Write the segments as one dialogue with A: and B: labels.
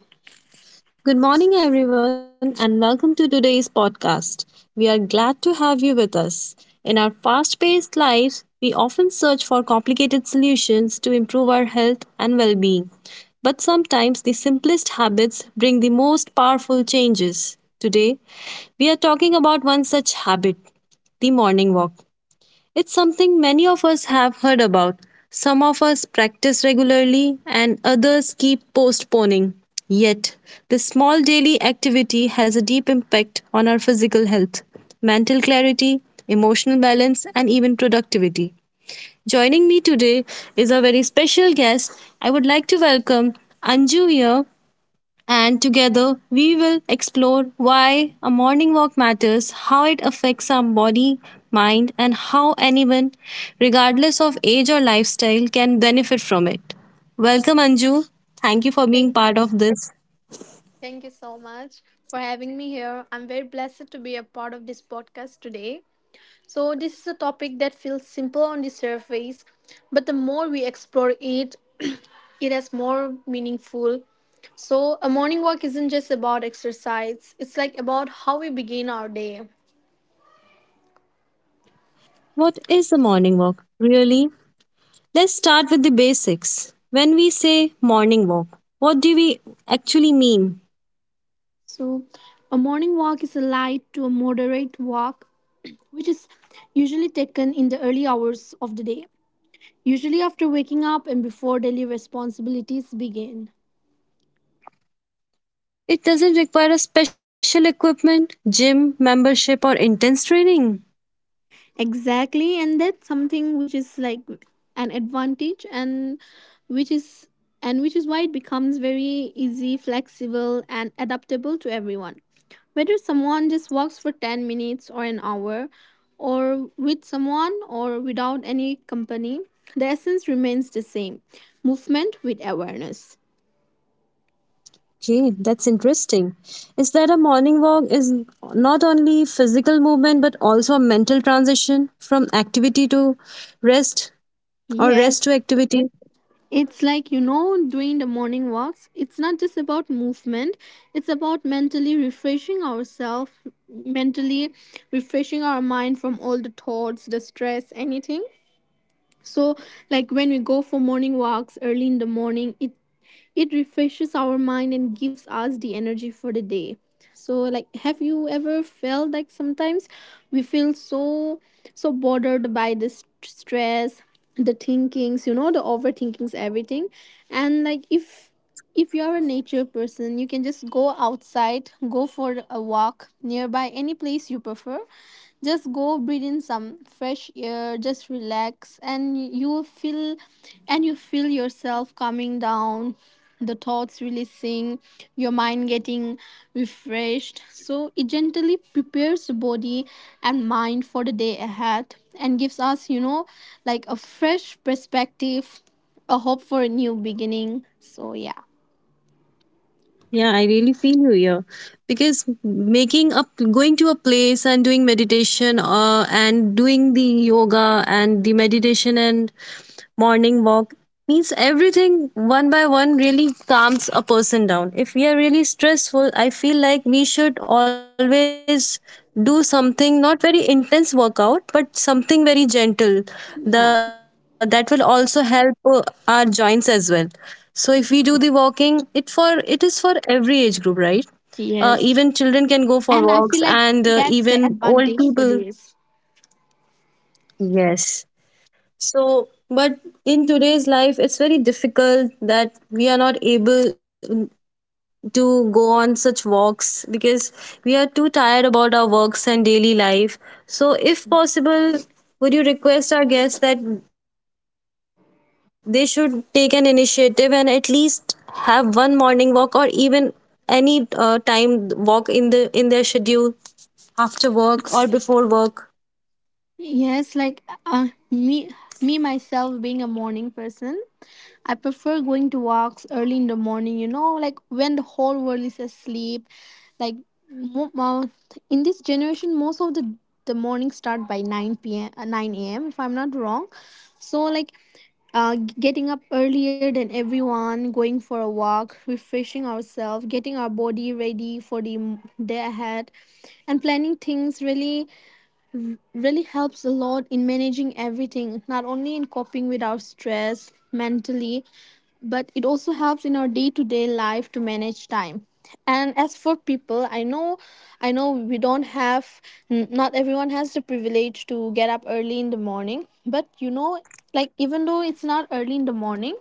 A: Okay. Good morning, everyone, and welcome to today's podcast. We are glad to have you with us. In our fast paced lives, we often search for complicated solutions to improve our health and well being. But sometimes the simplest habits bring the most powerful changes. Today, we are talking about one such habit, the morning walk. It's something many of us have heard about. Some of us practice regularly and others keep postponing. Yet, this small daily activity has a deep impact on our physical health, mental clarity, emotional balance, and even productivity. Joining me today is a very special guest. I would like to welcome Anju here, and together we will explore why a morning walk matters, how it affects our body, mind, and how anyone, regardless of age or lifestyle, can benefit from it. Welcome, Anju. Thank you for being
B: Thank,
A: part of this.
B: thank you so much for having me here. I'm very blessed to be a part of this podcast today. So, this is a topic that feels simple on the surface, but the more we explore it, it has more meaningful. So, a morning walk isn't just about exercise, it's like about how we begin our day.
A: What is a morning walk, really? Let's start with the basics. When we say morning walk, what do we actually mean?
B: So, a morning walk is a light to a moderate walk, which is usually taken in the early hours of the day. Usually after waking up and before daily responsibilities begin.
A: It doesn't require a special equipment, gym membership, or intense training.
B: Exactly, and that's something which is like an advantage which is and which is why it becomes very easy, flexible and adaptable to everyone. Whether someone just walks for 10 minutes or an hour or with someone or without any company, the essence remains the same. Movement with awareness.
A: Okay, that's interesting. Is that a morning walk is not only physical movement but also a mental transition from activity to rest or rest to
B: Yes.
A: activity?
B: It's like, you know, doing the morning walks. It's not just about movement, it's about mentally refreshing ourselves, mentally refreshing our mind from all the thoughts, the stress, anything. So, like when we go for morning walks early in the morning, it refreshes our mind and gives us the energy for the day. So like have you ever felt like sometimes we feel so bothered by the stress, the thinkings, you know, the overthinkings everything and like if you are a nature person, you can just go outside, go for a walk nearby any place you prefer. Just go breathe in some fresh air, just relax and you will feel and you feel yourself coming down, the thoughts releasing, your mind getting refreshed. So it gently prepares the body and mind for the day ahead and gives us, you know, like a fresh perspective, a hope for a new beginning. So yeah.
A: Yeah, I really feel you here, because making up going to a place and doing meditation and doing the yoga and the meditation and morning walk means everything one by one really calms a person down. If we are really stressful, I feel like we should always do something not very intense workout but something very gentle
B: Yeah.
A: the that will also help our joints as well. So if we do the walking, it is for every age group, right?
B: Yes.
A: Even children can go
B: And
A: for
B: I feel
A: walks,
B: like
A: and
B: that's the
A: even
B: advantage
A: old
B: for this.
A: people. Yes, so, but in today's life, it's very difficult that we are not able to go on such walks because we are too tired about our works and daily life. So, if possible, would you request our guests that they should take an initiative and at least have one morning walk or even any time walk in their schedule after work or before work?
B: Yes, like me, me myself being a morning person, I prefer going to walks early in the morning. You know, like when the whole world is asleep. Like mo- mo- in this generation, most of the mornings start by nine p.m. Nine a.m. If I'm not wrong, so like getting up earlier than everyone, going for a walk, refreshing ourselves, getting our body ready for the day ahead, and planning things really, really helps a lot in managing everything, not only in coping with our stress mentally, but it also helps in our day-to-day life to manage time. And as for people I know we don't have not everyone has the privilege to get up early in the morning, but you know, like even though it's not early in the morning,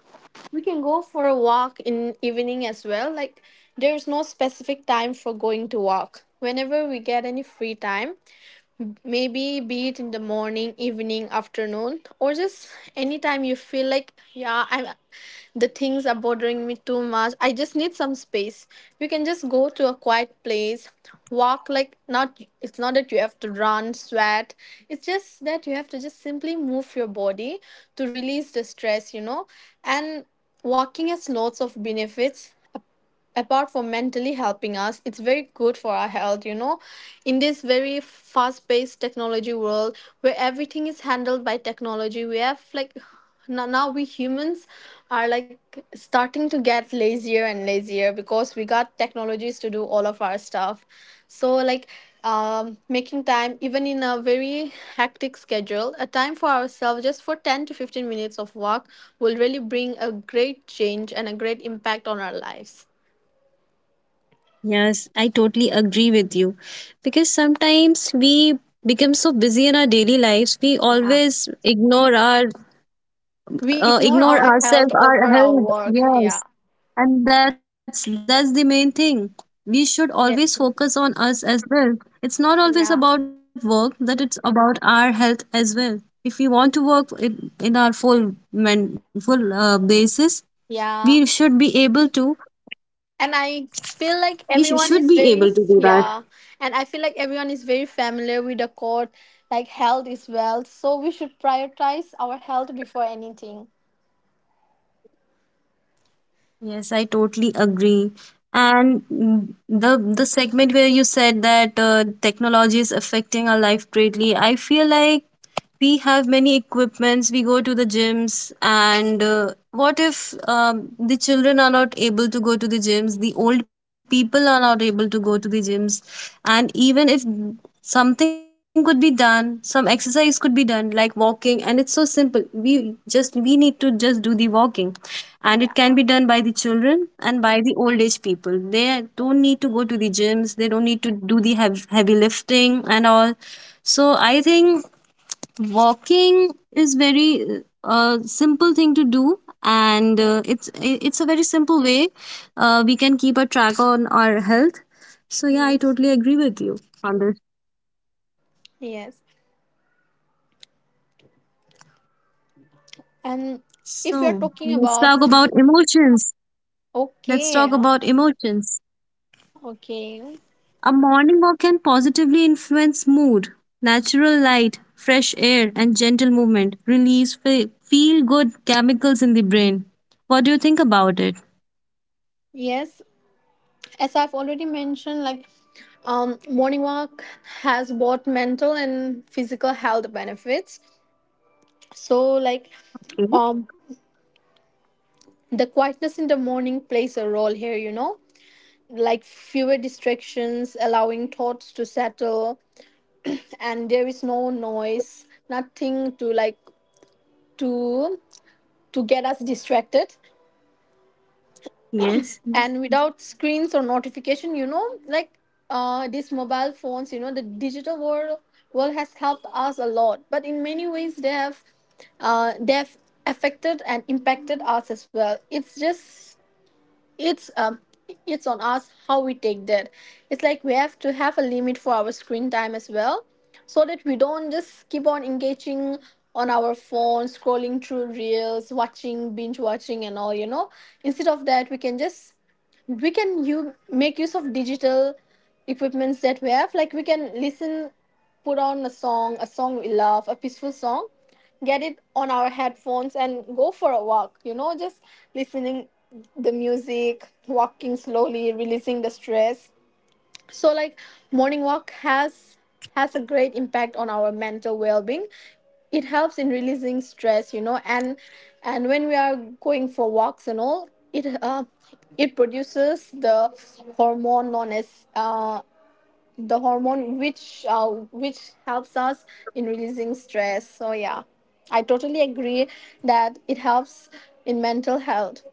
B: we can go for a walk in evening as well. Like there's no specific time for going to walk. Whenever we get any free time, maybe be it in the morning, evening, afternoon, or just anytime you feel like, yeah, I'm the things are bothering me too much. I just need some space. You can just go to a quiet place, walk like not it's not that you have to run, sweat. It's just that you have to just simply move your body to release the stress, you know. And walking has lots of benefits apart from mentally helping us. It's very good for our health, you know, in this very fast paced technology world where everything is handled by technology. We have like now we humans are like starting to get lazier and lazier because we got technologies to do all of our stuff. So like making time even in a very hectic schedule, a time for ourselves just for 10 to 15 minutes of walk will really bring a great change and a great impact on our lives.
A: Yes, I totally agree with you. Because sometimes we become so busy in our daily lives, we
B: Yeah.
A: always ignore our
B: We ignore
A: ignore
B: our
A: ourselves,
B: health
A: our
B: over our
A: health.
B: work.
A: Yes,
B: Yeah.
A: and that's the main thing. We should always
B: Yes.
A: focus on us as well. It's not
B: Yeah.
A: always about work, that it's about our health as well. If we want to work in our full basis,
B: Yeah.
A: we should be able to.
B: And I
A: We
B: feel
A: should
B: like
A: be able
B: everyone
A: to
B: is
A: do that.
B: very yeah. And I feel like everyone is very familiar with the quote like health is wealth. So we should prioritize our health before anything.
A: Yes, I totally agree. And the segment where you said that technology is affecting our life greatly, I feel like we have many equipments. We go to the gyms, and what if the children are not able to go to the gyms? The old people are not able to go to the gyms times. And even if something could be done, some exercise could be done, like walking, and it's so simple. We just we need to just do the walking. And it can be
B: Yeah.
A: done by the children and by the old age people. They don't need to
B: Yes.
A: go to the gyms, they don't need to do the heavy, heavy lifting and all. So I think walking is very simple thing to do, and
B: Mm.
A: it's a very simple way we can keep a track on our health. So yeah, I
B: Yes.
A: totally agree with you on this.
B: Yes. And if you're
A: So
B: talking
A: let's talk
B: about
A: about
B: physical okay.
A: emotions.
B: Okay.
A: A morning walk can positively influence mood. Natural light, fresh air, and gentle movement release feel good chemicals in the brain. What do you think about it?
B: Yes. As I've already mentioned, like morning walk has both mental and physical health benefits. So, like,
A: Okay.
B: um, the quietness in the morning plays a role here, you know, like fewer distractions, allowing thoughts to settle, and there is no noise, nothing to to to get us distracted
A: Yes.
B: and without screens or notification, you know, like these mobile phones, you know, the digital world has helped us a lot, but in many ways they have uh, they have affected and impacted us as well. It's just it's um it's on us how we take that. It's like we have to have a limit for our screen time as well, so that we don't just keep on engaging on our phone scrolling through reels watching, binge watching and all, you know. Instead of that, we can just we can you make use of digital equipments that we have. Like we can listen, put on a song, a song we love, a peaceful song, get it on our headphones and go for a walk. You know, just listening the music, walking slowly, releasing the stress. So like morning walk has a great impact on our mental well-being. It helps in releasing stress, you know, and when we are going for walks and all, it produces the hormone known as uh, the hormone which helps us in releasing stress. So yeah, I totally agree that it helps in mental health.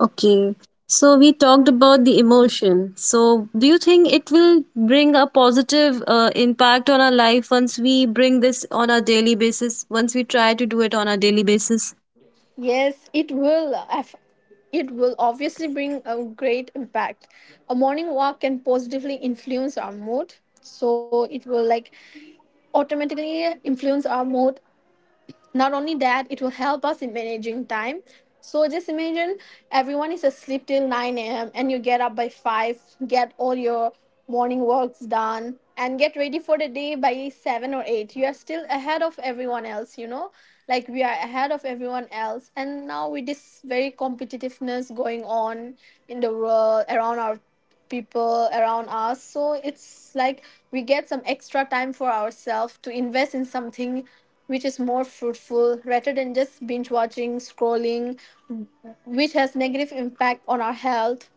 A: Okay. So we talked about the emotion. So do you think it will bring a positive impact on our life once we bring this on a daily basis, once we try to do it on a daily basis?
B: Yes, it will. It will obviously bring a great impact. A morning walk can positively influence our mood. So it will like automatically influence our mood. Not only that, it will help us in managing time. So just imagine everyone is asleep till 9 a.m. and you get up by 5, get all your morning works done, and get ready for the day by 7 or 8. You are still ahead of everyone else, you know? Like we are ahead of everyone else. And now with this very competitiveness going on in the world around our people around us, so it's like we get some extra time for ourselves to invest in something which is more fruitful rather than just binge watching scrolling which has negative impact on our health.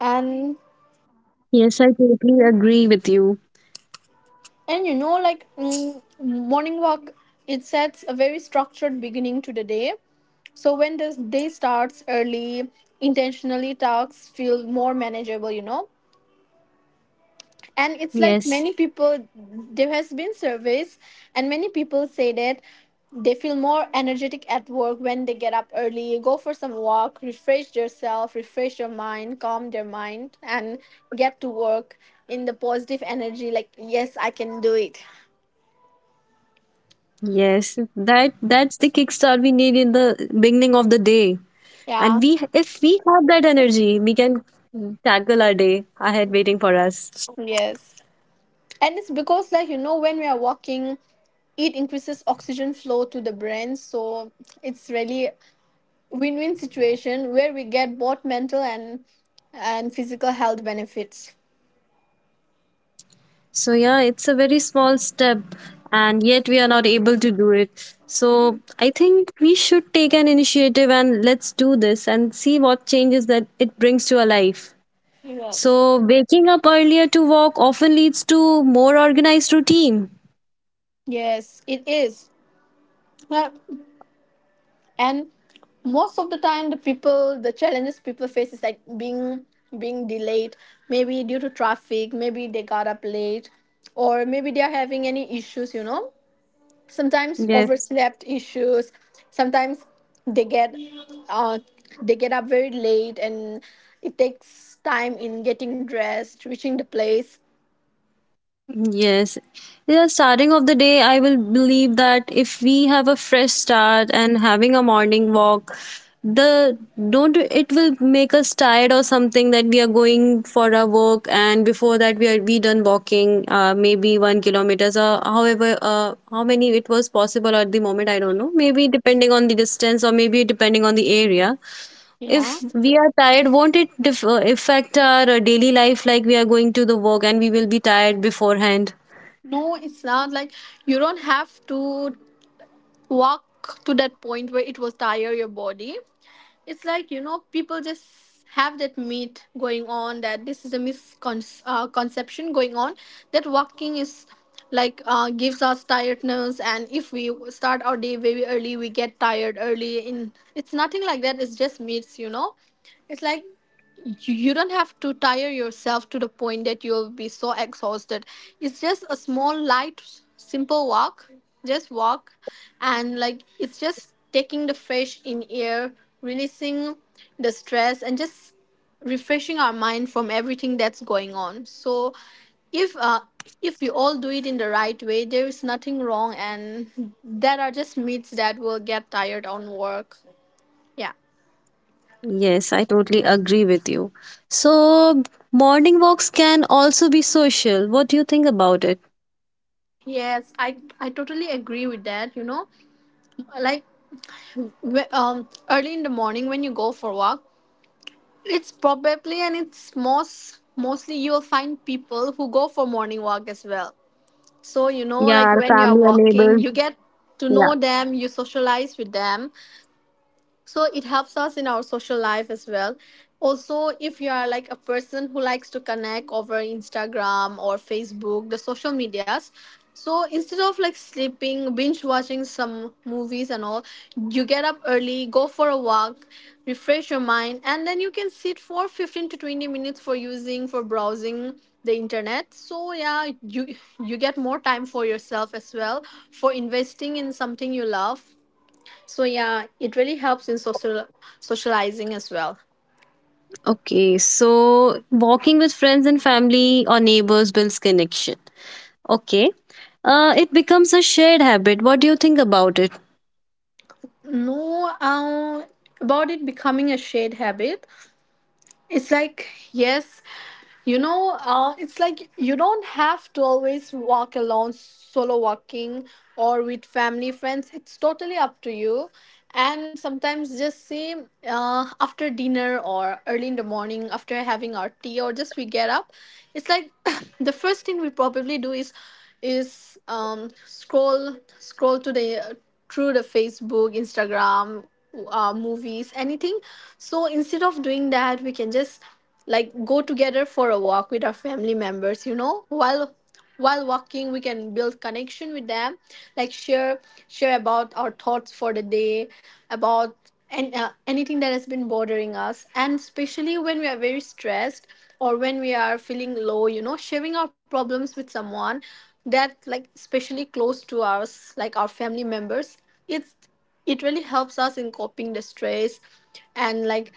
B: and
A: Yes, I totally agree with you.
B: and you know like morning walk it sets a very structured beginning to the day. So when the day starts early intentionally, tasks feel more manageable, you know. And it's like
A: Yes.
B: many people there has been surveys and many people say that they feel more energetic at work when they get up early, go for some walk, refresh yourself, refresh your mind, calm their mind and get to work in the positive energy like yes I can do it.
A: Yes. That's the kickstart we need in the beginning of the day.
B: Yeah.
A: And we if we have that energy, we can tackle our day ahead waiting for us.
B: Yes. And it's because like, you know, when we are walking it increases oxygen flow to the brain. So it's really win-win situation where we get both mental and physical health benefits.
A: So, yeah, it's a very small step, and yet we are not able to do it. So, I think we should take an initiative and let's do this and see what changes that it brings to our life.
B: Yes.
A: So, waking up earlier to walk often leads to more organized routine.
B: Yes, it is. Uh, And most of the time the people the challenges people face is like being delayed, maybe due to traffic, maybe they got up late, or maybe they are having any issues, you know. Sometimes
A: Yes.
B: overslept issues. Sometimes they get uh, they get up very late and it takes time in getting dressed reaching the place.
A: Yes. Yeah, starting of the day, I will believe that if we have a fresh start and having a morning walk, the don't it will make us tired or something that we are going for our work, and before that we done walking maybe 1 km or however how many it was possible at the moment. I don't know, maybe depending on the distance or maybe depending on the area.
B: Yeah.
A: If we are tired, won't it affect our daily life, like we are going to the work and we will be tired beforehand?
B: No, it's not like you don't have to walk to that point where it will tire your body. It's like, you know, people just have that myth going on that this is a misconception conception going on that walking is like gives us tiredness, and if we start our day very early we get tired early in it's nothing like that, it's just myths, you know. It's like you don't have to tire yourself to the point that you'll be so exhausted. It's just a small light simple walk, just walk. And like it's just taking the fresh in air, releasing the stress and just refreshing our mind from everything that's going on. So if if we all do it in the right way there is nothing wrong, and there are just myths that will get tired on work. Yeah.
A: Yes, I totally agree with you. So, morning walks can also be social. What do you think about it?
B: Yes, I totally agree with that, you know. Like, early in the morning when you go for walk, it's probably, and it's mostly you'll find people who go for morning walk as well. So you know,
A: Yeah,
B: like
A: our
B: when you are
A: family or
B: walking,
A: neighbors.
B: you get to know
A: Yeah.
B: them, you socialize with them. So it helps us in our social life as well. Also, if you are like a person who likes to connect over Instagram or Facebook, the social medias, so instead of like sleeping, binge watching some movies and all, you get up early, go for a walk, refresh your mind, and then you can sit for 15 to 20 minutes for using, for browsing the internet. So yeah, you get more time for yourself as well, for investing in something you love. So yeah, it really helps in social socializing as well.
A: Okay, so walking with friends and family or neighbors builds connection. Okay, it becomes a shared habit. What do you think about it?
B: No, about it becoming a shared habit. It's like, yes, it's like you don't have to always walk alone, solo walking, or with family, friends. It's totally up to you. And sometimes, just say, after dinner or early in the morning, after having our tea, or just we get up. It's like the first thing we probably do is scroll to the through the Facebook, Instagram, movies, anything. So instead of doing that, we can just like go together for a walk with our family members. You know, while walking, we can build connection with them, like share about our thoughts for the day, about, and anything that has been bothering us, and especially when we are very stressed or when we are feeling low. You know, sharing our problems with someone that, like especially close to us, like our family members, it's it really helps us in coping the stress, and like,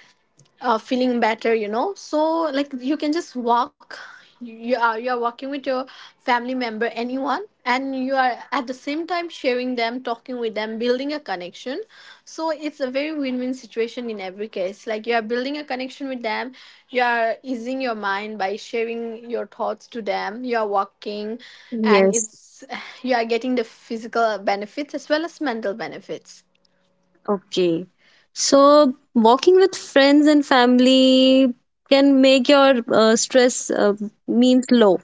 B: feeling better, you know. So like you can just walk, you are walking with your family member, anyone, and you are at the same time sharing them, talking with them, building a connection. So it's a very win-win situation in every case. Like, you are building a connection with them, you are easing your mind by sharing your thoughts to them, you are walking, and
A: Yes.
B: it's you are getting the physical benefits as well as mental benefits.
A: Okay. So, walking with friends and family can make your stress means low.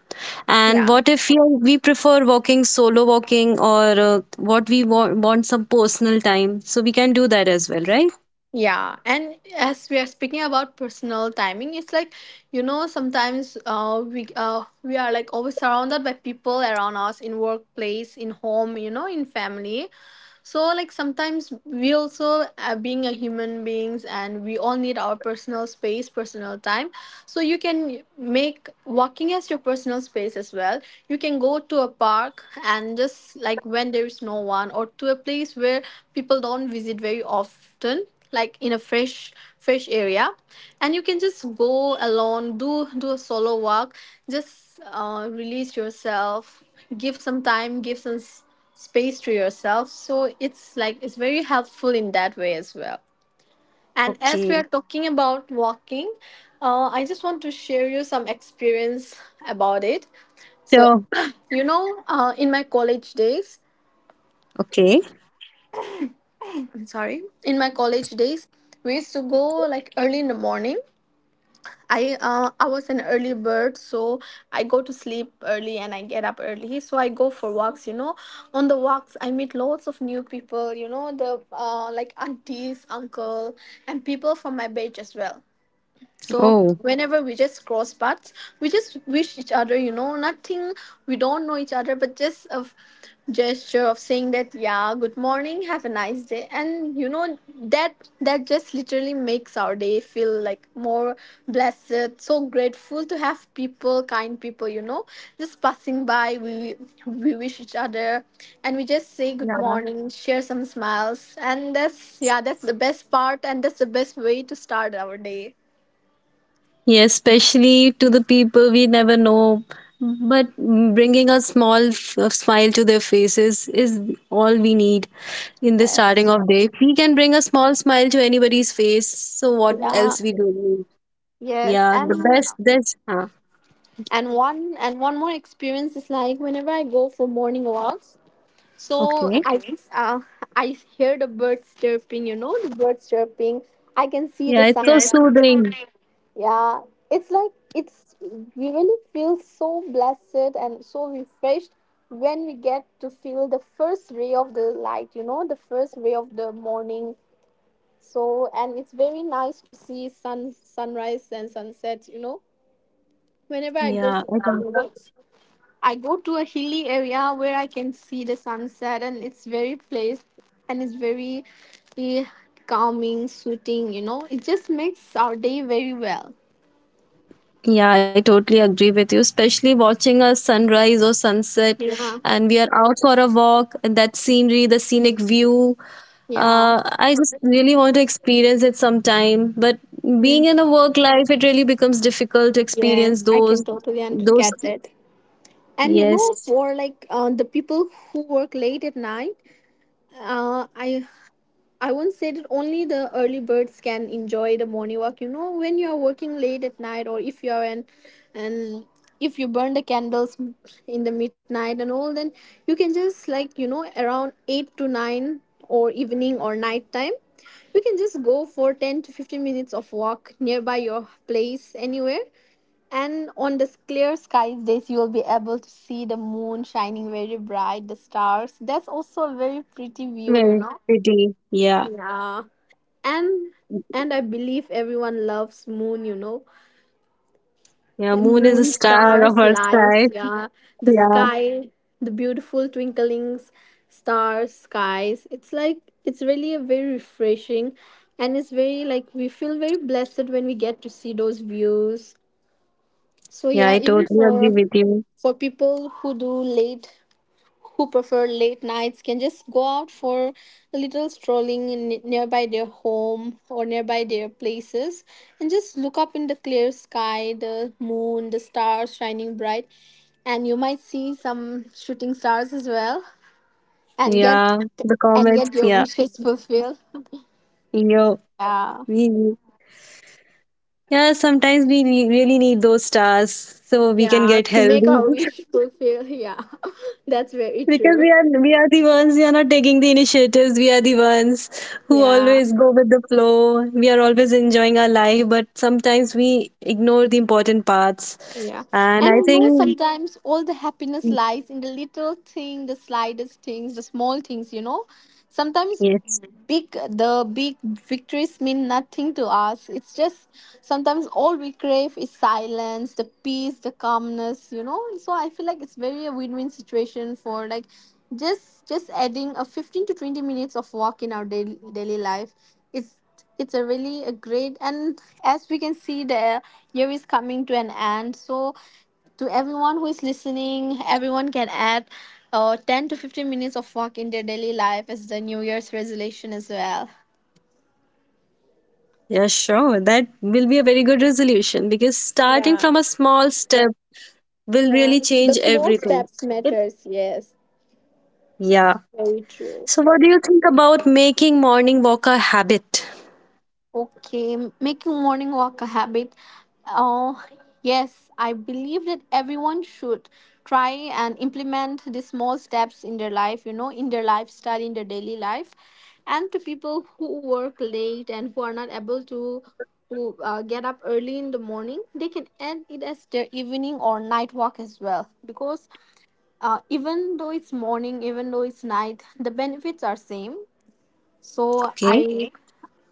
A: And
B: Yeah.
A: what if you, we prefer walking solo walking, or what we want some personal time? So, we can do that as well, right?
B: Yeah, and as we are speaking about personal timing, it's like, you know, sometimes we are like always surrounded by people around us in workplace, in home, you know, in family. So like sometimes we also, being a human beings, and we all need our personal space, personal time. So you can make walking as your personal space as well. You can go to a park and just like when there is no one, or to a place where people don't visit very often, like in a fresh area. And you can just go alone, do a solo walk, just release yourself, give some time give some s- space to yourself. So it's like it's very helpful in that way as well. And as we are
A: Okay.
B: talking about walking, I just want to share you some experience about it. So
A: Sure.
B: you know, in my college days,
A: Okay.
B: I'm sorry, in my college days, we used to go like early in the morning. I was an early bird, so I go to sleep early and I get up early. So I go for walks. You know, on the walks I meet lots of new people. You know, the like aunties, uncle, and people from my batch as well. So
A: Oh.
B: whenever we just cross paths, we just wish each other. You know, nothing, we don't know each other, but just gesture of saying that, yeah, good morning, have a nice day. And you know, that that just literally makes our day feel like more blessed, so grateful to have people, kind people, you know, just passing by. We wish each other and we just say good
A: Yeah.
B: morning, share some smiles, and that's, yeah, that's the best part, and that's the best way to start our day.
A: Yes, especially to the people we never know. But bringing a small smile to their faces is all we need. In the starting
B: Yes.
A: of day, we can bring a small smile to anybody's face, so what
B: Yeah.
A: else we do need?
B: Yes.
A: Yeah,
B: And
A: the best this huh.
B: one more experience is like whenever I go for morning walks, so I,
A: Okay.
B: okay, I hear the birds chirping. You know, the birds chirping. I can see the
A: Yeah, it's
B: sun.
A: so
B: Yeah, it's
A: soothing.
B: sunrise. Yeah. It's like, it's, we really feel so blessed and so refreshed when we get to feel the first ray of the light. You know, the first ray of the morning. So, and it's very nice to see sunrise and sunset, you know. Whenever I go for
A: Yeah,
B: walks, I go to a hilly area where I can see the sunset, and it's very place, and it's very eh, calming, soothing, you know. It just makes our day very well.
A: I totally agree with you. Especially watching a sunrise or sunset,
B: Yeah.
A: and we are out for a walk, and that scenery, the scenic view.
B: Yeah.
A: I just really want to experience it sometime. But
B: Yeah.
A: being in a work life, it really becomes difficult to experience
B: Yes, I can
A: those.
B: totally
A: Those
B: get it. And you know,
A: yes.
B: for like the people who work late at night, uh, I I once said that only the early birds can enjoy the morning walk. You know, when you are working late at night, or if you are an, and if you burn the candles in the midnight and all, then you can just like, you know, around 8 to 9, or evening or night time, you can just go for 10 to 15 minutes of walk nearby your place, anywhere. And on the clear skies days, you will be able to see the moon shining very bright, the stars. That's also a very pretty view, you
A: Very
B: know.
A: pretty. Yeah.
B: Yeah. And I believe everyone loves moon, you know.
A: Yeah. Moon is a
B: Moon,
A: star of
B: stars,
A: our sky.
B: lights, yeah, the
A: Yeah.
B: sky, the beautiful twinkling stars, skies, it's like, it's really a very refreshing, and it's very like, we feel very blessed when we get to see those views. So
A: Yeah. I
B: yeah, even
A: totally agree with you.
B: for people who do late, who prefer late nights, can just go out for a little strolling in nearby their home or nearby their places, and just look up in the clear sky, the moon, the stars shining bright. And you might see some shooting stars as well, and get
A: Yeah. The
B: and
A: comets.
B: get your
A: Yeah.
B: wishes fulfilled
A: Yo.
B: yeah.
A: We. we- Yeah. Sometimes we really need those stars so we can
B: Yeah,
A: get
B: to make
A: healthy.
B: our wish fulfill. Yeah. That's very
A: Because
B: true.
A: we are the ones, we are not taking the initiatives. We are the ones who
B: Yeah.
A: always go with the flow. We are always enjoying our life, but sometimes we ignore the important parts.
B: Yeah.
A: And
B: And
A: I
B: you know,
A: think.
B: sometimes all the happiness lies in the little thing, the slightest things, the small things, you know. Sometimes
A: Yes.
B: big the big victories mean nothing to us. It's just sometimes all we crave is silence, the peace, the calmness, you know. So I feel like it's very a win-win situation for like, just adding a 15 to 20 minutes of walk in our daily life. it's it's a really a great. And as we can see, the year is coming to an end, so to everyone who is listening, everyone can add 10 to 15 minutes of walk in their daily life as the new year's resolution as well.
A: Yeah, sure. That will be a very good resolution, because starting from a
B: Yeah.
A: small step will really change
B: Yeah, the
A: everything.
B: small
A: It,
B: steps matters, yes.
A: yeah.
B: Very
A: So,
B: true.
A: what do you think about making morning walk a habit?
B: Okay, making morning walk a habit. Oh, yes, I believe that everyone should try and implement the small steps in their life, you know, in their lifestyle, in their daily life. And to people who work late and who are not able to who, get up early in the morning, they can add it as their evening or night walk as well. Because even though it's morning, even though it's night, the benefits are same. So
A: Okay.
B: I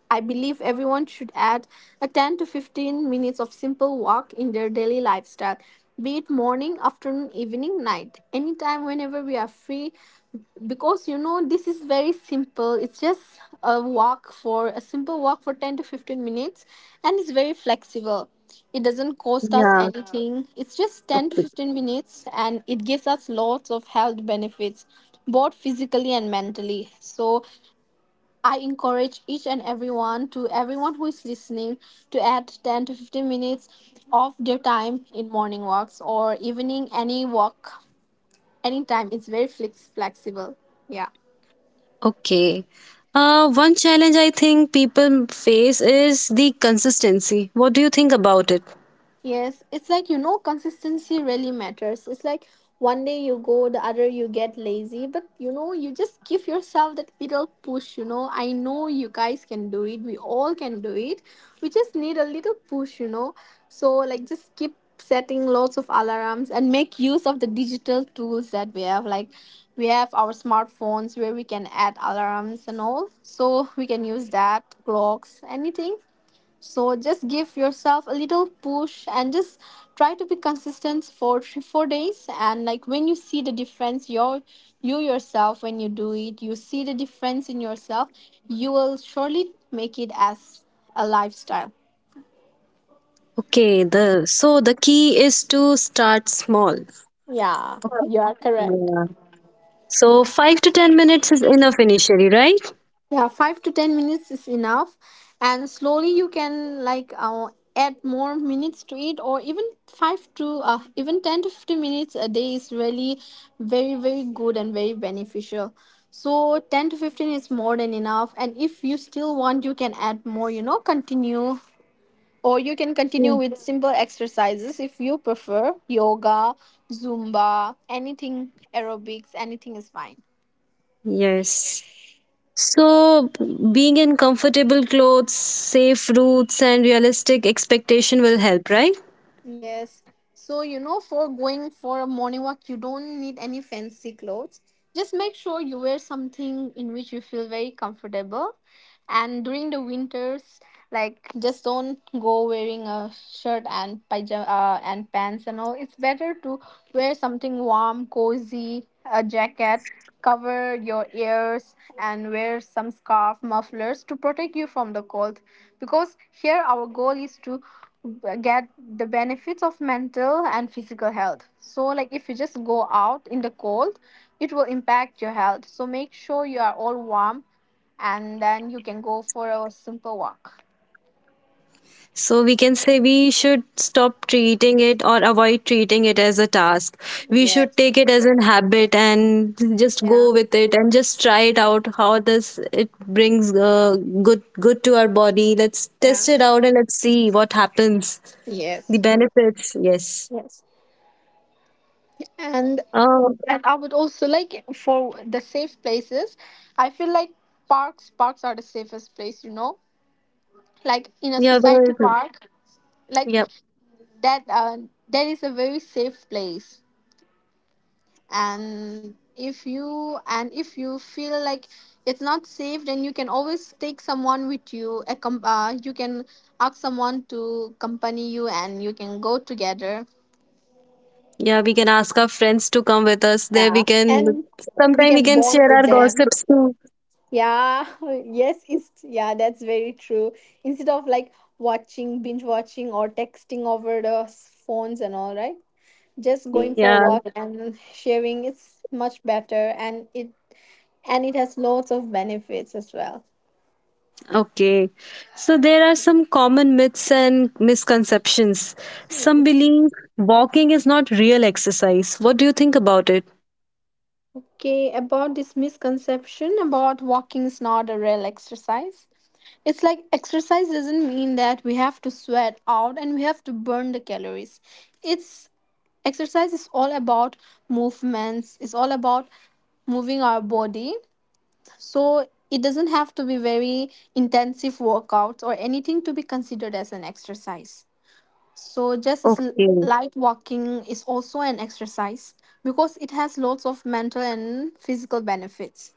B: I believe everyone should add a 10 to 15 minutes of simple walk in their daily lifestyle, be it morning, afternoon, evening, night, anytime, whenever we are free. Because you know, this is very simple. It's just a walk, for a simple walk for 10 to 15 minutes, and it's very flexible. It doesn't cost us
A: Yeah.
B: anything. It's just 10 to
A: Okay.
B: 15 minutes, and it gives us lots of health benefits, both physically and mentally. So I encourage each and everyone, to everyone who is listening, to add 10 to 15 minutes of their time in morning walks or evening, any walk, anytime. It's very flexible. Yeah.
A: Okay. One challenge I think people face is the consistency. What do you think about it?
B: Yes, it's like, you know, consistency really matters. It's like one day you go, the other you get lazy, but you know, you just give yourself that little push. You know, I know you guys can do it, we all can do it. We just need a little push, you know. So like, just keep setting lots of alarms and make use of the digital tools that we have. Like, we have our smartphones where we can add alarms and all, so we can use that, clocks, anything. So just give yourself a little push and just try to be consistent for three, four days. And like, when you see the difference, your you yourself, when you do it, you see the difference in yourself. You will surely make it as a lifestyle.
A: Okay. The So the key is to start small.
B: Yeah,
A: Okay.
B: you are correct.
A: Yeah. So 5 to 10 minutes is enough initially, right?
B: Yeah, 5 to 10 minutes is enough, and slowly you can like, add more minutes to it, or even five to, even 10 to 15 minutes a day is really very good and very beneficial. So 10 to 15 is more than enough, and if you still want, you can add more. You know, continue, or you can continue
A: Yeah.
B: with simple exercises if you prefer yoga, zumba, anything, aerobics, anything is fine.
A: Yes. So, being in comfortable clothes, safe routes, and realistic expectation will help, right?
B: Yes. So, you know, for going for a morning walk, you don't need any fancy clothes. Just make sure you wear something in which you feel very comfortable. And during the winters, like just don't go wearing a shirt and pajama and pants and all. It's better to wear something warm, cozy, a jacket. Cover your ears and wear some scarf mufflers to protect you from the cold. Because here, our goal is to get the benefits of mental and physical health. So, like if you just go out in the cold, it will impact your health. So, make sure you are all warm and then you can go for a simple walk.
A: So, we can say we should stop treating it or avoid treating it as a task. We should
B: Yes.
A: take it as an habit and just
B: Yeah.
A: go with it and just try it out how this it brings good to our body. Let's test
B: Yeah.
A: it out and let's see what happens. The benefits, yes.
B: Yes. And.
A: Oh,
B: And I would also like, for the safe places, I feel like parks are the safest place, you know, like in a
A: yeah,
B: society
A: very good.
B: park, like
A: Yeah.
B: that uh, that is a very safe place. And if you feel like it's not safe, then you can always take someone with you, you can ask someone to accompany you and you can go together.
A: Yeah, we can ask our friends to come with us. There we
B: Yeah,
A: can
B: and we
A: sometime we
B: can
A: can
B: bond
A: share
B: with
A: our
B: them.
A: gossips too.
B: Yeah, yes, it's, yeah, that's very true. Instead of like watching, binge watching, or texting over the phones and all, right? Just going for
A: Yeah.
B: a walk and sharing it's much better, and it has lots of benefits as well.
A: Okay. So there are some common myths and misconceptions. Some believe walking is not real exercise. What do you think about it?
B: Okay, about this misconception about walking is not a real exercise. It's like exercise doesn't mean that we have to sweat out and we have to burn the calories. It's, exercise is all about movements, it's all about moving our body, so it doesn't have to be very intensive workouts or anything to be considered as an exercise. So just as
A: Okay.
B: light walking is also an exercise, because it has lots of mental and physical benefits.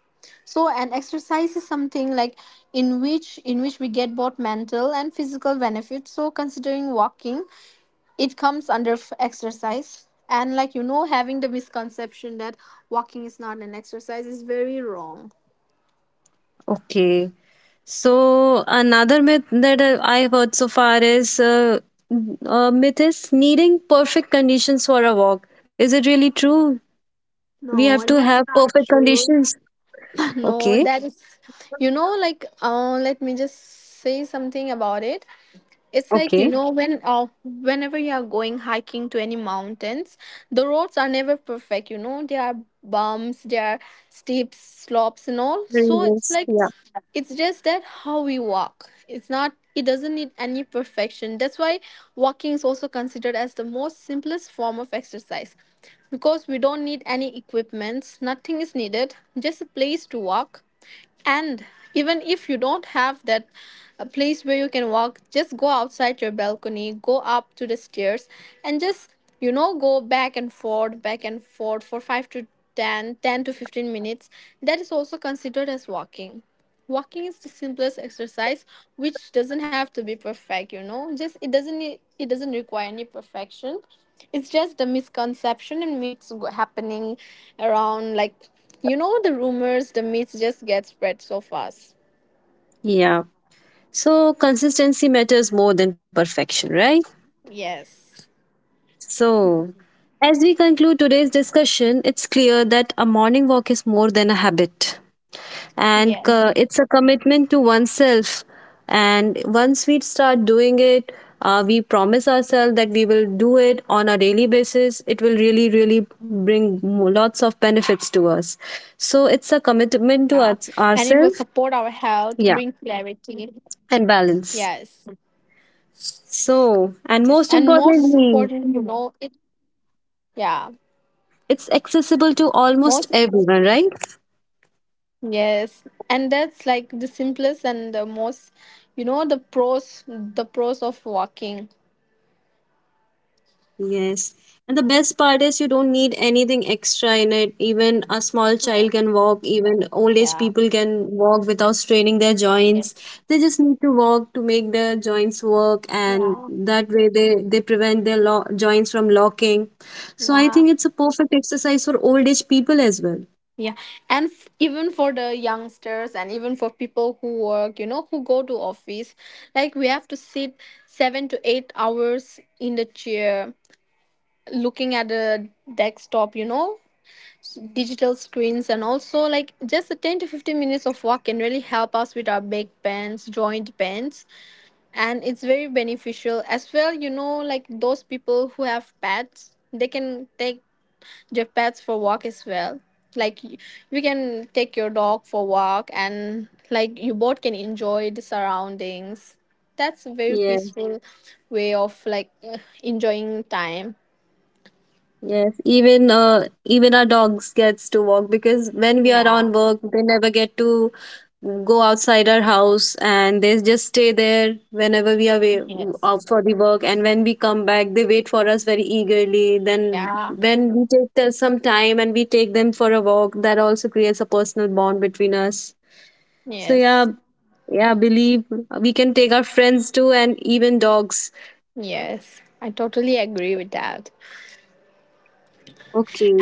B: So an exercise is something like in which we get both mental and physical benefits, so considering walking, it comes under exercise. And like, you know, having the misconception that walking is not an exercise is very wrong.
A: Okay. So another myth that I've heard so far is myth is needing perfect conditions for a walk. Is it really true? We
B: No,
A: have
B: and
A: to
B: that's
A: have
B: not
A: perfect
B: true.
A: conditions.
B: No,
A: Okay.
B: that is, you know, like, let me just say something about it. It's like, you
A: Okay.
B: know, when whenever you are going hiking to any mountains, the roads are never perfect, you know. There are bumps, there are steep slopes and all, so it's
A: Yes.
B: like,
A: Yeah.
B: it's just that how we walk, it's not, it doesn't need any perfection. That's why walking is also considered as the most simplest form of exercise, because we don't need any equipments, nothing is needed, just a place to walk. And even if you don't have that, a place where you can walk, just go outside your balcony, go up to the stairs, and just, you know, go back and forth for 5 to 10, 10 to 15 minutes. That is also considered as walking. Walking is the simplest exercise which doesn't have to be perfect, you know. Just, it doesn't need- it doesn't require any perfection. It's just the misconception and myths happening around, like, you know, the rumors, the myths just get spread so fast.
A: Yeah. So consistency matters more than perfection, right?
B: Yes.
A: So, as we conclude today's discussion, it's clear that a morning walk is more than a habit, and
B: Yes.
A: it's a commitment to oneself. And once we start doing it, we promise ourselves that we will do it on a daily basis. It will really, really bring lots of benefits to us.
B: Yeah.
A: So it's a
B: And it will
A: commitment to
B: support our
A: us,
B: health,
A: ourselves,
B: bring
A: yeah,
B: clarity.
A: and
B: Yes.
A: balance.
B: Yes.
A: So,
B: And
A: and most
B: most important, you
A: importantly,
B: know, it, yeah.
A: it's accessible to
B: Most,
A: almost everyone, right?
B: yes. And that's like the simplest and the most, you know, the pros of walking.
A: Yes. And the best part is you don't need anything extra in it. Even a small
B: Yeah.
A: child can walk, even old age
B: Yeah.
A: people can walk without straining their joints.
B: Yes.
A: They just need to walk to make their joints work, and
B: Yeah.
A: that way they prevent their joints from locking. So I
B: Yeah.
A: think it's a perfect exercise for old age people as well.
B: Yeah, and even for the youngsters and even for people who work, you know, who go to office, like we have to sit 7 to 8 hours in the chair looking at the desktop, you know, digital screens, and also like just a 10 to 15 minutes of walk can really help us with our back pains, joint pains, and it's very beneficial as well. You know, like those people who have pets, they can take, give pets for walk as well. Like we can take your dog for walk and like you both can enjoy the surroundings. That's a very
A: Yeah.
B: peaceful way of like enjoying time.
A: Yes, even our dogs gets to walk, because when we are on
B: Yeah.
A: work, they never get to go outside our house and they just stay there whenever we are away
B: Yes.
A: out for the work. And when we come back, they wait for us very eagerly. Then
B: Yeah.
A: when we take some time and we take them for a walk, that also creates a personal bond between us. So yeah,
B: Yes.
A: yeah, believe we can take our friends too and even dogs.
B: Yes, I totally agree with that.
A: Okay.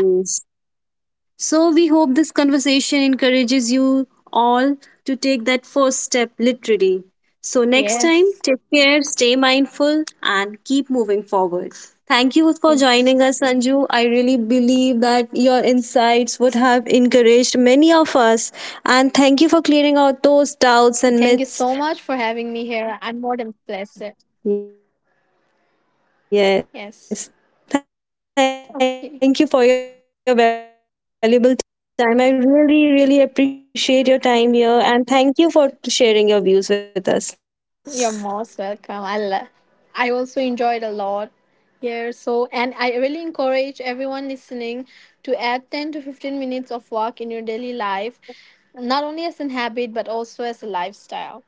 A: So, we hope this conversation encourages you all to take that first step literally. So, next time,
B: Yes.
A: take care, stay mindful, and keep moving forward. Thank you for joining us, Sanju. I really believe that your insights would have encouraged many of us. And thank you for clearing
B: Thank you
A: out
B: so
A: those
B: much for
A: doubts and
B: having me here.
A: myths.
B: I'm more than blessed. Yes.
A: Yes,
B: Okay.
A: thank you for your valuable time. I really, really appreciate your time here. And thank you for sharing your views with us. Thank you.
B: You're most welcome. I also enjoyed a lot here. So, and I really encourage everyone listening to add 10 to 15 minutes of walk in your daily life, not only as an habit, but also as a lifestyle.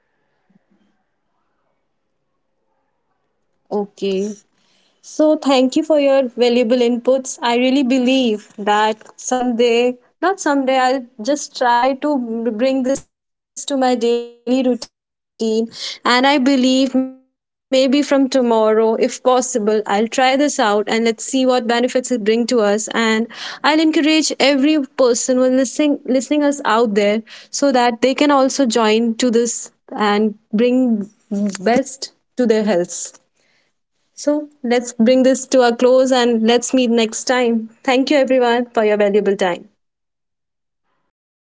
A: Okay. So, thank you for your valuable inputs. I really believe that someday, not someday, I'll just try to bring this to my daily routine. And I believe maybe from tomorrow, if possible, I'll try this out and let's see what benefits it bring to us. And I'll encourage every person who is listening us out there so that they can also join to this and bring best to their health. So let's bring this to a close and let's meet next time. Thank you everyone for your valuable time.